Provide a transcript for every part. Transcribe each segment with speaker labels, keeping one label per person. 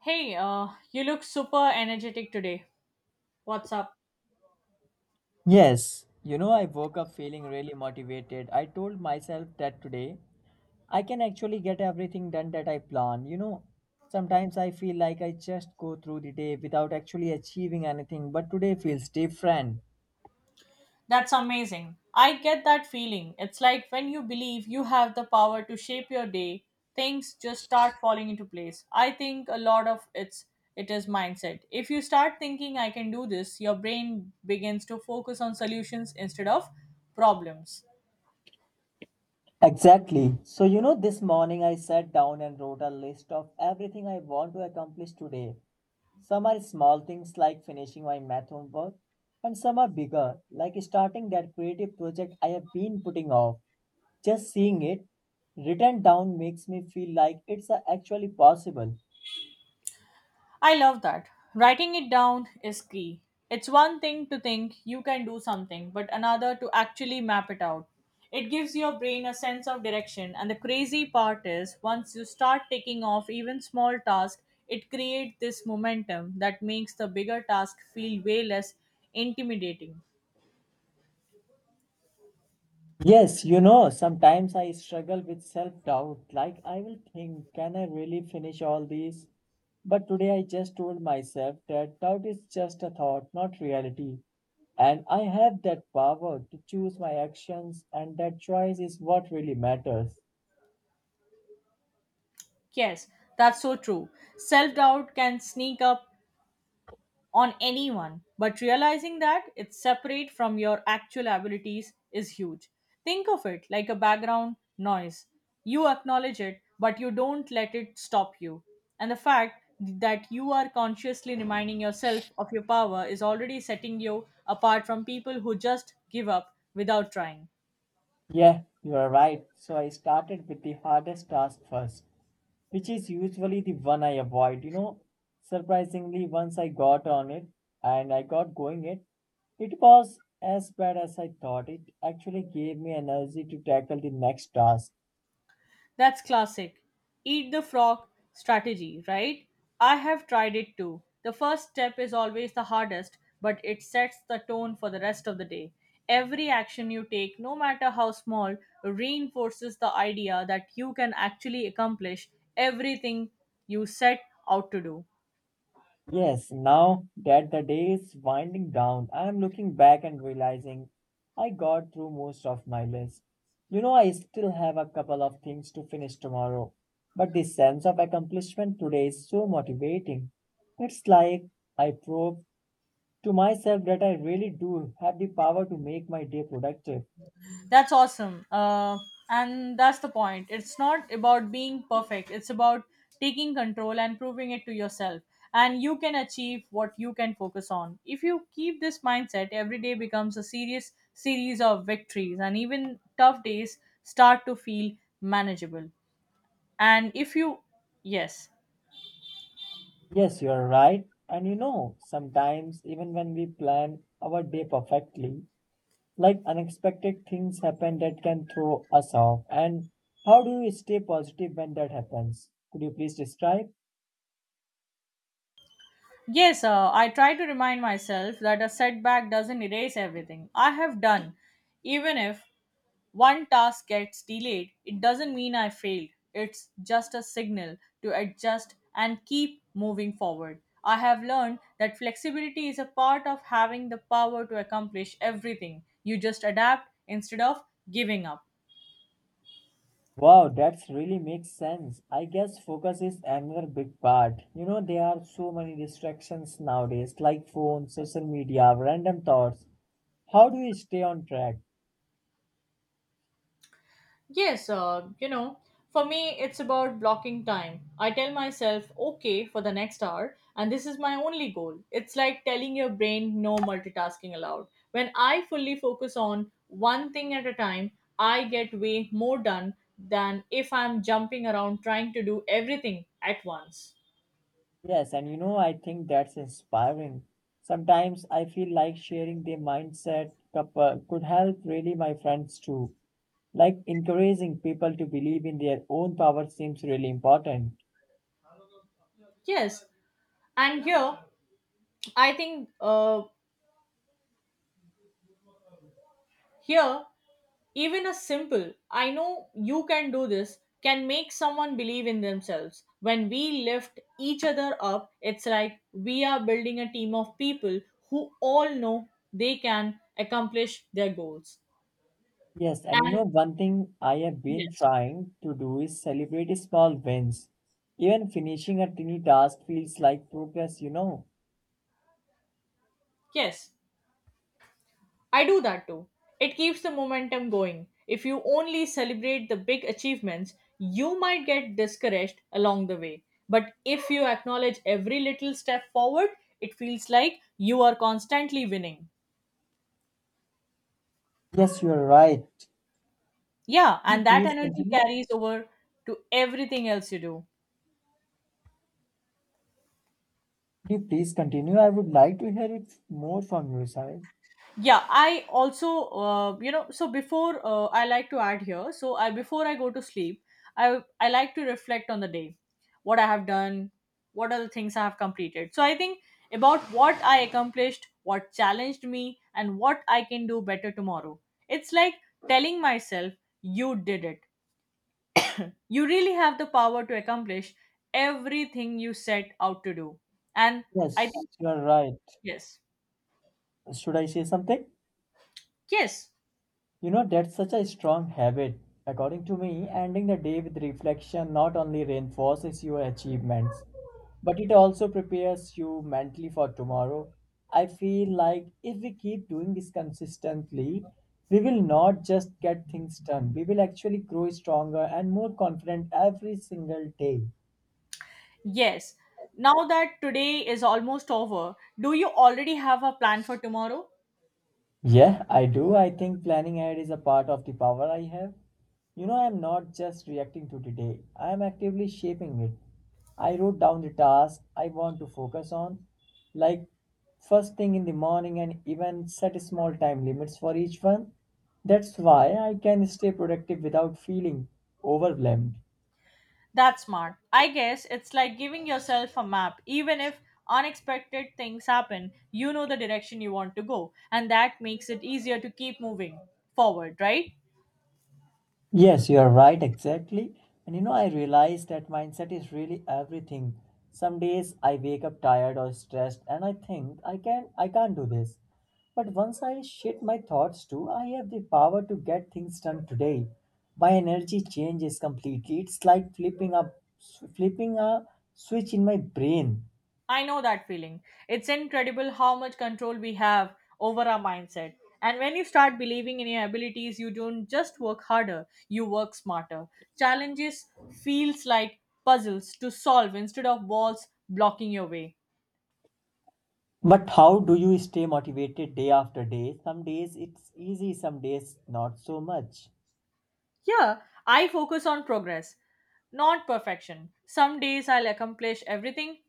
Speaker 1: Hey, you look super energetic today. What's up?
Speaker 2: Yes, you know, I woke up feeling really motivated. I told myself that today I can actually get everything done that I plan. You know, sometimes I feel like I just go through the day without actually achieving anything, but today feels different.
Speaker 1: That's amazing. I get that feeling. It's like when you believe you have the power to shape your day, things just start falling into place. I think a lot of it is mindset. If you start thinking I can do this, your brain begins to focus on solutions instead of problems.
Speaker 2: Exactly. So, you know, this morning I sat down and wrote a list of everything I want to accomplish today. Some are small things like finishing my math homework, and some are bigger, like starting that creative project I have been putting off. Just seeing it written down makes me feel like it's actually possible.
Speaker 1: I love that. Writing it down is key. It's one thing to think you can do something, but another to actually map it out. It gives your brain a sense of direction, and the crazy part is once you start taking off even small tasks, it creates this momentum that makes the bigger task feel way less intimidating.
Speaker 2: Yes, you know, sometimes I struggle with self doubt. Like, I will think, can I really finish all these? But today I just told myself that doubt is just a thought, not reality. And I have that power to choose my actions, and that choice is what really matters.
Speaker 1: Yes, that's so true. Self doubt can sneak up on anyone, but realizing that it's separate from your actual abilities is huge. Think of it like a background noise. You acknowledge it, but you don't let it stop you. And the fact that you are consciously reminding yourself of your power is already setting you apart from people who just give up without trying.
Speaker 2: Yeah, you are right. So I started with the hardest task first, which is usually the one I avoid. You know, surprisingly, once I got on it and I got going it, it was as bad as I thought. It actually gave me energy to tackle the next task.
Speaker 1: That's classic. Eat the frog strategy, right? I have tried it too. The first step is always the hardest, but it sets the tone for the rest of the day. Every action you take, no matter how small, reinforces the idea that you can actually accomplish everything you set out to do.
Speaker 2: Yes, now that the day is winding down, I am looking back and realizing I got through most of my list. You know, I still have a couple of things to finish tomorrow, but the sense of accomplishment today is so motivating. It's like I proved to myself that I really do have the power to make my day productive.
Speaker 1: That's awesome. And that's the point. It's not about being perfect, it's about taking control and proving it to yourself. And you can achieve what you can focus on. If you keep this mindset, every day becomes a serious series of victories, and even tough days start to feel manageable. And if you, yes,
Speaker 2: Yes, you are right. And you know, sometimes even when we plan our day perfectly, like unexpected things happen that can throw us off. And how do you stay positive when that happens? Could you please describe?
Speaker 1: yes, I try to remind myself that a setback doesn't erase everything I have done even if one task gets delayed, it doesn't mean I failed. It's just a signal to adjust and keep moving forward. I have learned that flexibility is a part of having the power to accomplish everything. You just adapt instead of giving up.
Speaker 2: Wow, that's really makes sense. I guess focus is another big part. You know, there are so many distractions nowadays, like phones, social media, random thoughts. How do you stay on track?
Speaker 1: Yes, for me, it's about blocking time. I tell myself, okay, for the next hour, and this is my only goal. It's like telling your brain no multitasking allowed. When I fully focus on one thing at a time, I get way more done than if I'm jumping around trying to do everything at once.
Speaker 2: Yes, and you know, I think that's inspiring. Sometimes I feel like sharing their could help really my friends too. Like encouraging people to believe in their own power seems really important.
Speaker 1: Yes, and here, I think here even a simple, I know you can do this, can make someone believe in themselves. When we lift each other up, it's like we are building a team of people who all know they can accomplish their goals.
Speaker 2: Yes, and you know,
Speaker 1: And
Speaker 2: one thing I have been
Speaker 1: yes,
Speaker 2: trying to do is celebrate small wins. Even finishing a tiny task feels like progress, you know.
Speaker 1: yes, I do that too. It keeps the momentum going. If you only celebrate the big achievements, you might get discouraged along the way. But if you acknowledge every little step forward, it feels like you are constantly winning.
Speaker 2: Yes, you're right.
Speaker 1: Yeah,
Speaker 2: Could you
Speaker 1: and that
Speaker 2: please
Speaker 1: energy
Speaker 2: continue?
Speaker 1: carries over to everything else you do.
Speaker 2: Could you please continue? I would like to hear it more from your side.
Speaker 1: Yeah, I also, you know, so before, I like to add here, so I before I go to sleep, I like to reflect on the day, what I have done, what are the things I have completed. So I think about what I accomplished, what challenged me, and what I can do better tomorrow. It's like telling myself you did it, you really have the power to accomplish everything you set out to do. And I
Speaker 2: Yes,
Speaker 1: think
Speaker 2: you are right.
Speaker 1: yes,
Speaker 2: Should I say something?
Speaker 1: yes.
Speaker 2: You know, that's such a strong habit. According to me, ending the day with reflection not only reinforces your achievements, but it also prepares you mentally for tomorrow. I feel like if we keep doing this consistently, we will not just get things done, we will actually grow stronger and more confident every single day.
Speaker 1: Yes. Now that today is almost over, do you already have a plan for tomorrow?
Speaker 2: Yeah, I do. I think planning ahead is a part of the power I have. You know, I'm not just reacting to today, I'm actively shaping it. I wrote down the task I want to focus on, like first thing in the morning, and even set small time limits for each one. That's why I can stay productive without feeling overwhelmed.
Speaker 1: That's smart. I guess it's like giving yourself a map. Even if unexpected things happen, you know the direction you want to go, and that makes it easier to keep moving forward, right?
Speaker 2: Yes, you are right, exactly. And you know, I realize that mindset is really everything. Some days I wake up tired or stressed and I think I can't do this. But once I shift my thoughts to I have the power to get things done today, my energy changes completely. It's like flipping a switch in my brain.
Speaker 1: I know that feeling. It's incredible how much control we have over our mindset. And when you start believing in your abilities, you don't just work harder, you work smarter. Challenges feels like puzzles to solve instead of walls blocking your way.
Speaker 2: But how do you stay motivated day after day? Some days it's easy, some days not so much.
Speaker 1: Yeah, I focus on progress, not perfection. Some days I'll accomplish everything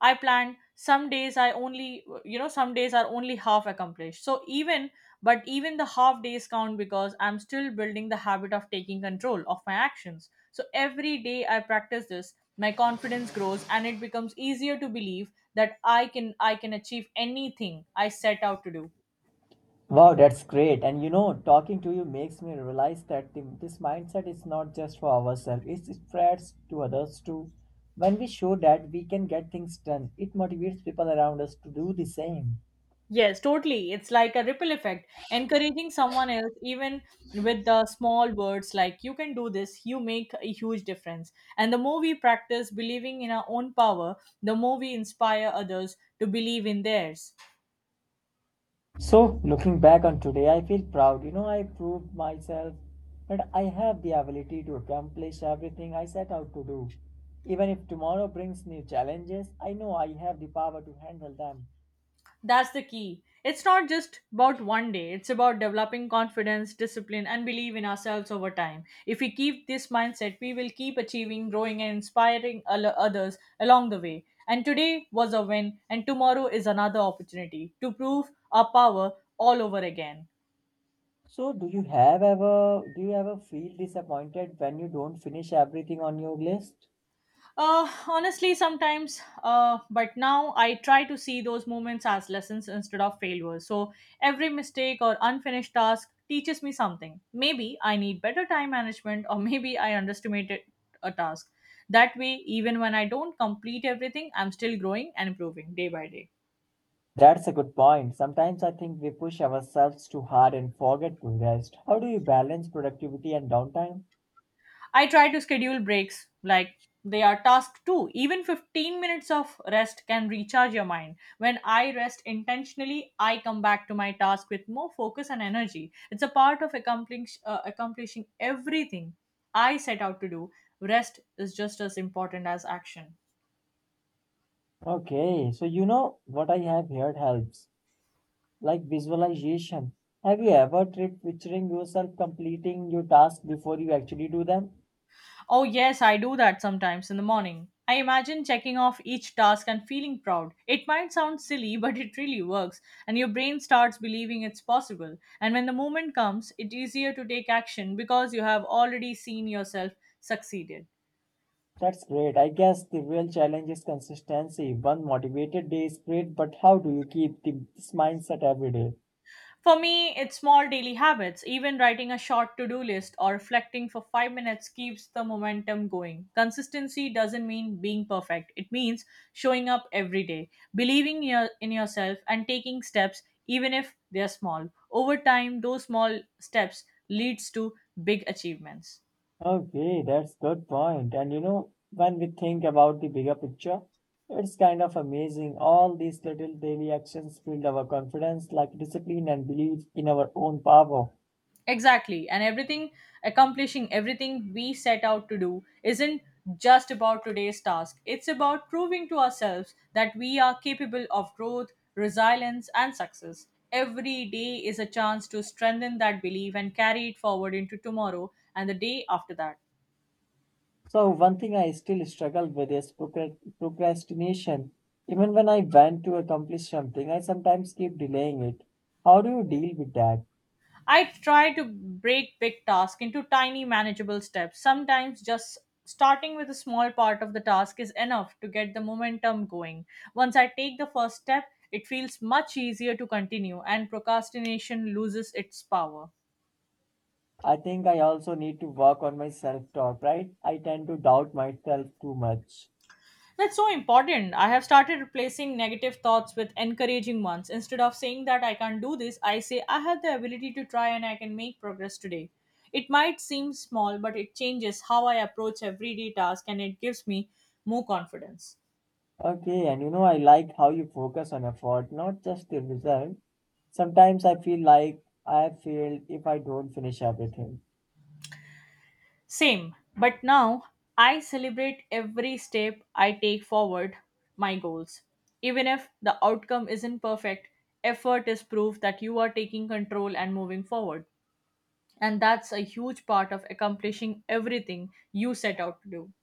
Speaker 1: I planned. Some days I only, you know, some days are only half accomplished. So even, but even the half days count because I'm still building the habit of taking control of my actions. So every day I practice this, my confidence grows and it becomes easier to believe that I can achieve anything I set out to do.
Speaker 2: Wow, that's great. And you know, talking to you makes me realize that this mindset is not just for ourselves, it spreads to others too. When we show that we can get things done, it motivates people around us to do the same.
Speaker 1: Yes, totally. It's like a ripple effect, encouraging someone else, even with the small words like you can do this, you make a huge difference. And the more we practice believing in our own power, the more we inspire others to believe in theirs.
Speaker 2: So, looking back on today, I feel proud. You know, I proved myself that I have the ability to accomplish everything I set out to do. Even if tomorrow brings new challenges, I know I have the power to handle them.
Speaker 1: That's the key. It's not just about one day, it's about developing confidence, discipline, and belief in ourselves over time. If we keep this mindset, we will keep achieving, growing, and inspiring al- others along the way. And today was a win, and tomorrow is another opportunity to prove our power all over again.
Speaker 2: So, do you ever feel disappointed when you don't finish everything on your list?
Speaker 1: Honestly, sometimes, but now I try to see those moments as lessons instead of failures. So every mistake or unfinished task teaches me something. Maybe I need better time management, or maybe I underestimated a task. That way, even when I don't complete everything, I'm still growing and improving day by day.
Speaker 2: That's a good point. Sometimes I think we push ourselves too hard and forget to rest. How do you balance productivity and downtime?
Speaker 1: I try to schedule breaks like they are tasked to. Even 15 minutes of rest can recharge your mind. When I rest intentionally, I come back to my task with more focus and energy. It's a part of accomplishing everything I set out to do. Rest is just as important as action.
Speaker 2: Okay, so you know what I have heard helps, like visualization. Have you ever tried picturing yourself completing your task before you actually do them?
Speaker 1: Oh, yes, I do that sometimes in the morning. I imagine checking off each task and feeling proud. It might sound silly, but it really works, and your brain starts believing it's possible. And when the moment comes, it's easier to take action because you have already seen yourself succeeded.
Speaker 2: That's great. I guess the real challenge is consistency. One motivated day is great, but how do you keep this mindset every day?
Speaker 1: For me, it's small daily habits. Even writing a short to do list or reflecting for 5 minutes keeps the momentum going. Consistency doesn't mean being perfect, it means showing up every day, believing your, in yourself, and taking steps, even if they're small. Over time, those small steps leads to big achievements.
Speaker 2: Okay, that's good point. And you know, when we think about the bigger picture, it's kind of amazing. All these little daily actions build our confidence, like discipline and belief in our own power.
Speaker 1: Exactly. And everything, accomplishing everything we set out to do isn't just about today's task. It's about proving to ourselves that we are capable of growth, resilience, and success. Every day is a chance to strengthen that belief and carry it forward into tomorrow and the day after that.
Speaker 2: So one thing I still struggle with is procrastination. Even when I want to accomplish something, I sometimes keep delaying it. How do you deal with that?
Speaker 1: I try to break big tasks into tiny, manageable steps. Sometimes just starting with a small part of the task is enough to get the momentum going. Once I take the first step, it feels much easier to continue, and procrastination loses its power.
Speaker 2: I think I also need to work on my self-talk, right? I tend to doubt myself too much.
Speaker 1: That's so important. I have started replacing negative thoughts with encouraging ones. Instead of saying that I can't do this, I say I have the ability to try and I can make progress today. It might seem small, but it changes how I approach everyday task and it gives me more confidence.
Speaker 2: Okay, and you know, I like how you focus on effort, not just the result. Sometimes I feel like I have failed if I don't finish everything.
Speaker 1: Same, but now I celebrate every step I take forward my goals. Even if the outcome isn't perfect, effort is proof that you are taking control and moving forward, and that's a huge part of accomplishing everything you set out to do.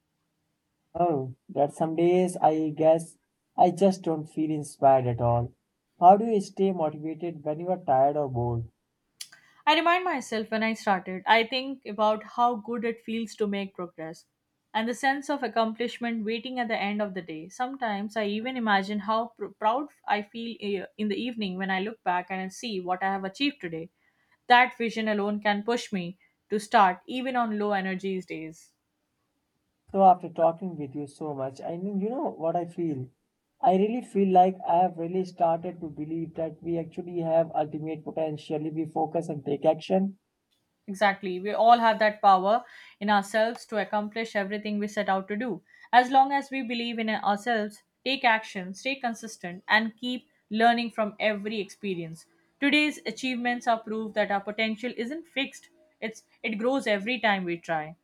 Speaker 2: Oh, that some days I guess I just don't feel inspired at all. How do you stay motivated when you are tired or bored?
Speaker 1: I remind myself when I started, I think about how good it feels to make progress and the sense of accomplishment waiting at the end of the day. Sometimes I even imagine how proud I feel in the evening when I look back and I see what I have achieved today. That vision alone can push me to start even on low energy days.
Speaker 2: So after talking with you so much, I mean, you know what I feel? I really feel like I have really started to believe that we actually have ultimate potential if we focus and take action.
Speaker 1: Exactly. We all have that power in ourselves to accomplish everything we set out to do. As long as we believe in ourselves, take action, stay consistent, and keep learning from every experience. Today's achievements are proof that our potential isn't fixed. It grows every time we try.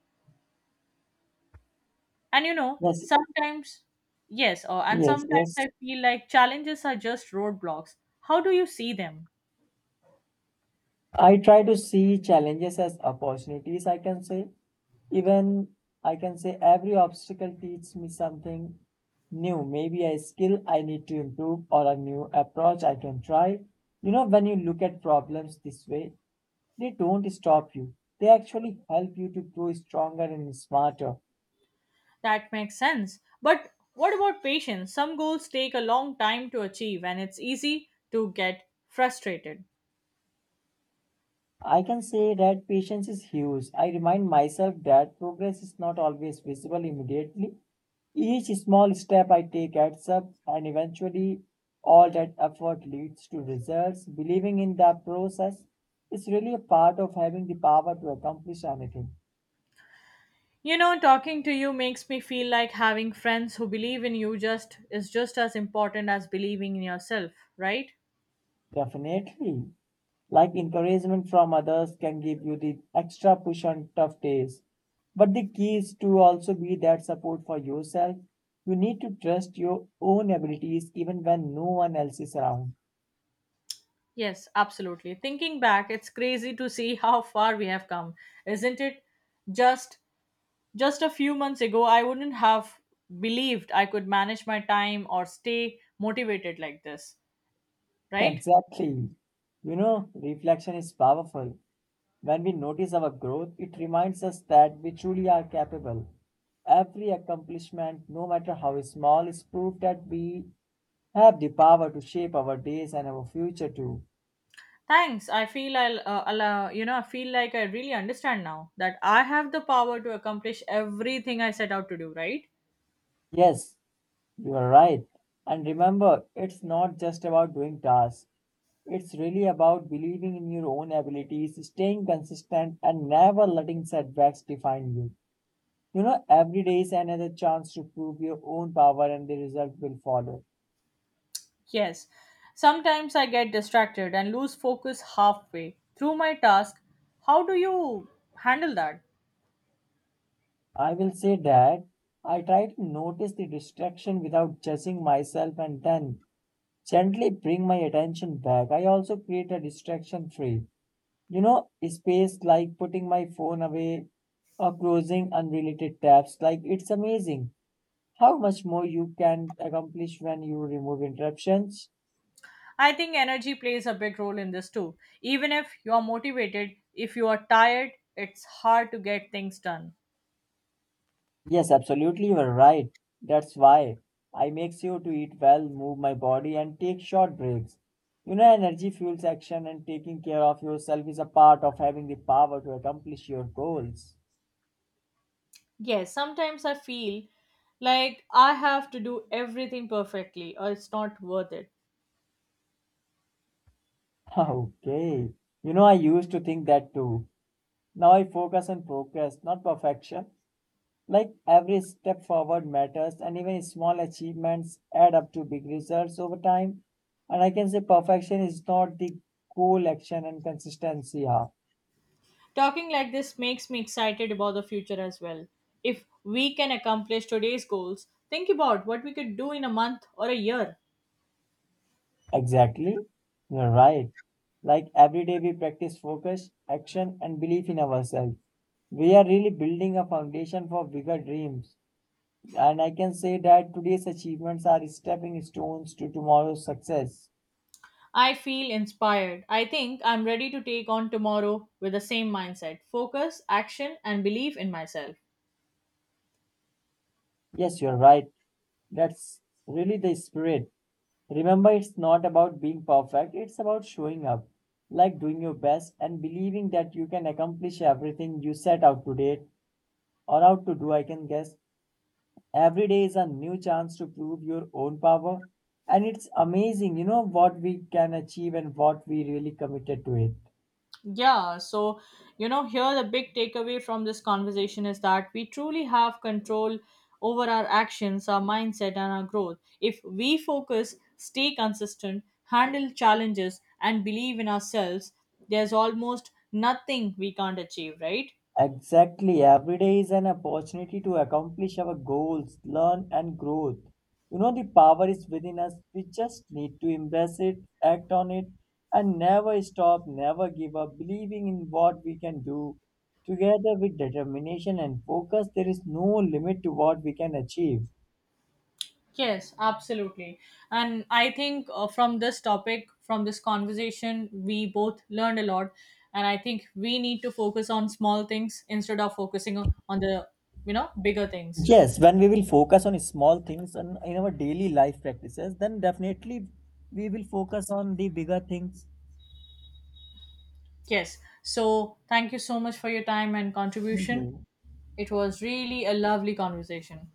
Speaker 1: And you know,
Speaker 2: Yes,
Speaker 1: sometimes yes, or and sometimes
Speaker 2: yes.
Speaker 1: I feel like challenges are just roadblocks. How do you see them?
Speaker 2: I try to see challenges as opportunities, I can say. Even I can say every obstacle teaches me something new, maybe a skill I need to improve or a new approach I can try. You know, when you look at problems this way, they don't stop you. They actually help you to grow stronger and smarter.
Speaker 1: That makes sense. But what about patience? Some goals take a long time to achieve and it's easy to get frustrated.
Speaker 2: I can say that patience is huge. I remind myself that progress is not always visible immediately. Each small step I take adds up, and eventually, all that effort leads to results. Believing in the process is really a part of having the power to accomplish anything.
Speaker 1: You know, talking to you makes me feel like having friends who believe in you just is just as important as believing in yourself, right?
Speaker 2: Definitely. Like encouragement from others can give you the extra push on tough days. But the key is to also be that support for yourself. You need to trust your own abilities even when no one else is around.
Speaker 1: Yes, absolutely. Thinking back, it's crazy to see how far we have come, isn't it? Just just a few months ago, I wouldn't have believed I could manage my time or stay motivated like this, right?
Speaker 2: Exactly. You know, reflection is powerful. When we notice our growth, it reminds us that we truly are capable. Every accomplishment, no matter how small, is proof that we have the power to shape our days and our future too.
Speaker 1: Thanks. I feel I feel like I really understand now that I have the power to accomplish everything I set out to do, right?
Speaker 2: Yes, you are right. And remember, it's not just about doing tasks. It's really about believing in your own abilities, staying consistent, and never letting setbacks define you. You know, every day is another chance to prove your own power, and the result will follow.
Speaker 1: Yes. Sometimes I get distracted and lose focus halfway through my task. How do you handle that?
Speaker 2: I will say that I try to notice the distraction without judging myself and then gently bring my attention back. I also create a distraction free, you know, space like putting my phone away or closing unrelated tabs. Like, it's amazing how much more you can accomplish when you remove interruptions.
Speaker 1: I think energy plays a big role in this too. Even if you are motivated, if you are tired, it's hard to get things done.
Speaker 2: Yes, absolutely, you are right. That's why I make sure to eat well, move my body, and take short breaks. You know, energy fuels action, and taking care of yourself is a part of having the power to accomplish your goals.
Speaker 1: Yes, sometimes I feel like I have to do everything perfectly or it's not worth it.
Speaker 2: Okay. You know, I used to think that too. Now I focus on progress, not perfection. Like every step forward matters, and even small achievements add up to big results over time. And I can say perfection is not the goal, action, and consistency are.
Speaker 1: Talking like this makes me excited about the future as well. If we can accomplish today's goals, think about what we could do in a month or a year.
Speaker 2: Exactly. You're right. Like every day, we practice focus, action, and belief in ourselves. We are really building a foundation for bigger dreams. And I can say that today's achievements are stepping stones to tomorrow's success.
Speaker 1: I feel inspired. I think I'm ready to take on tomorrow with the same mindset focus, action, and belief in myself.
Speaker 2: Yes, you're right. That's really the spirit. Remember, it's not about being perfect, it's about showing up, like doing your best and believing that you can accomplish everything you set out today or out to do, I can guess. Every day is a new chance to prove your own power, and it's amazing, you know, what we can achieve and what we really committed to it.
Speaker 1: Yeah, so you know, here the big takeaway from this conversation is that we truly have control over our actions, our mindset, and our growth. If we focus, stay consistent, handle challenges, and believe in ourselves, there's almost nothing we can't achieve, right?
Speaker 2: Exactly. Every day is an opportunity to accomplish our goals, learn and grow. You know, the power is within us. We just need to embrace it, act on it, and never stop, never give up, believing in what we can do. Together with determination and focus, there is no limit to what we can achieve.
Speaker 1: Yes, absolutely. And I think from this topic, from this conversation, we both learned a lot. And I think we need to focus on small things instead of focusing on the, you know, bigger things.
Speaker 2: Yes, when we will focus on small things and in our daily life practices, then definitely we will focus on the bigger things.
Speaker 1: Yes. So thank you so much for your time and
Speaker 2: Thank
Speaker 1: contribution.
Speaker 2: you.
Speaker 1: It was really a lovely conversation.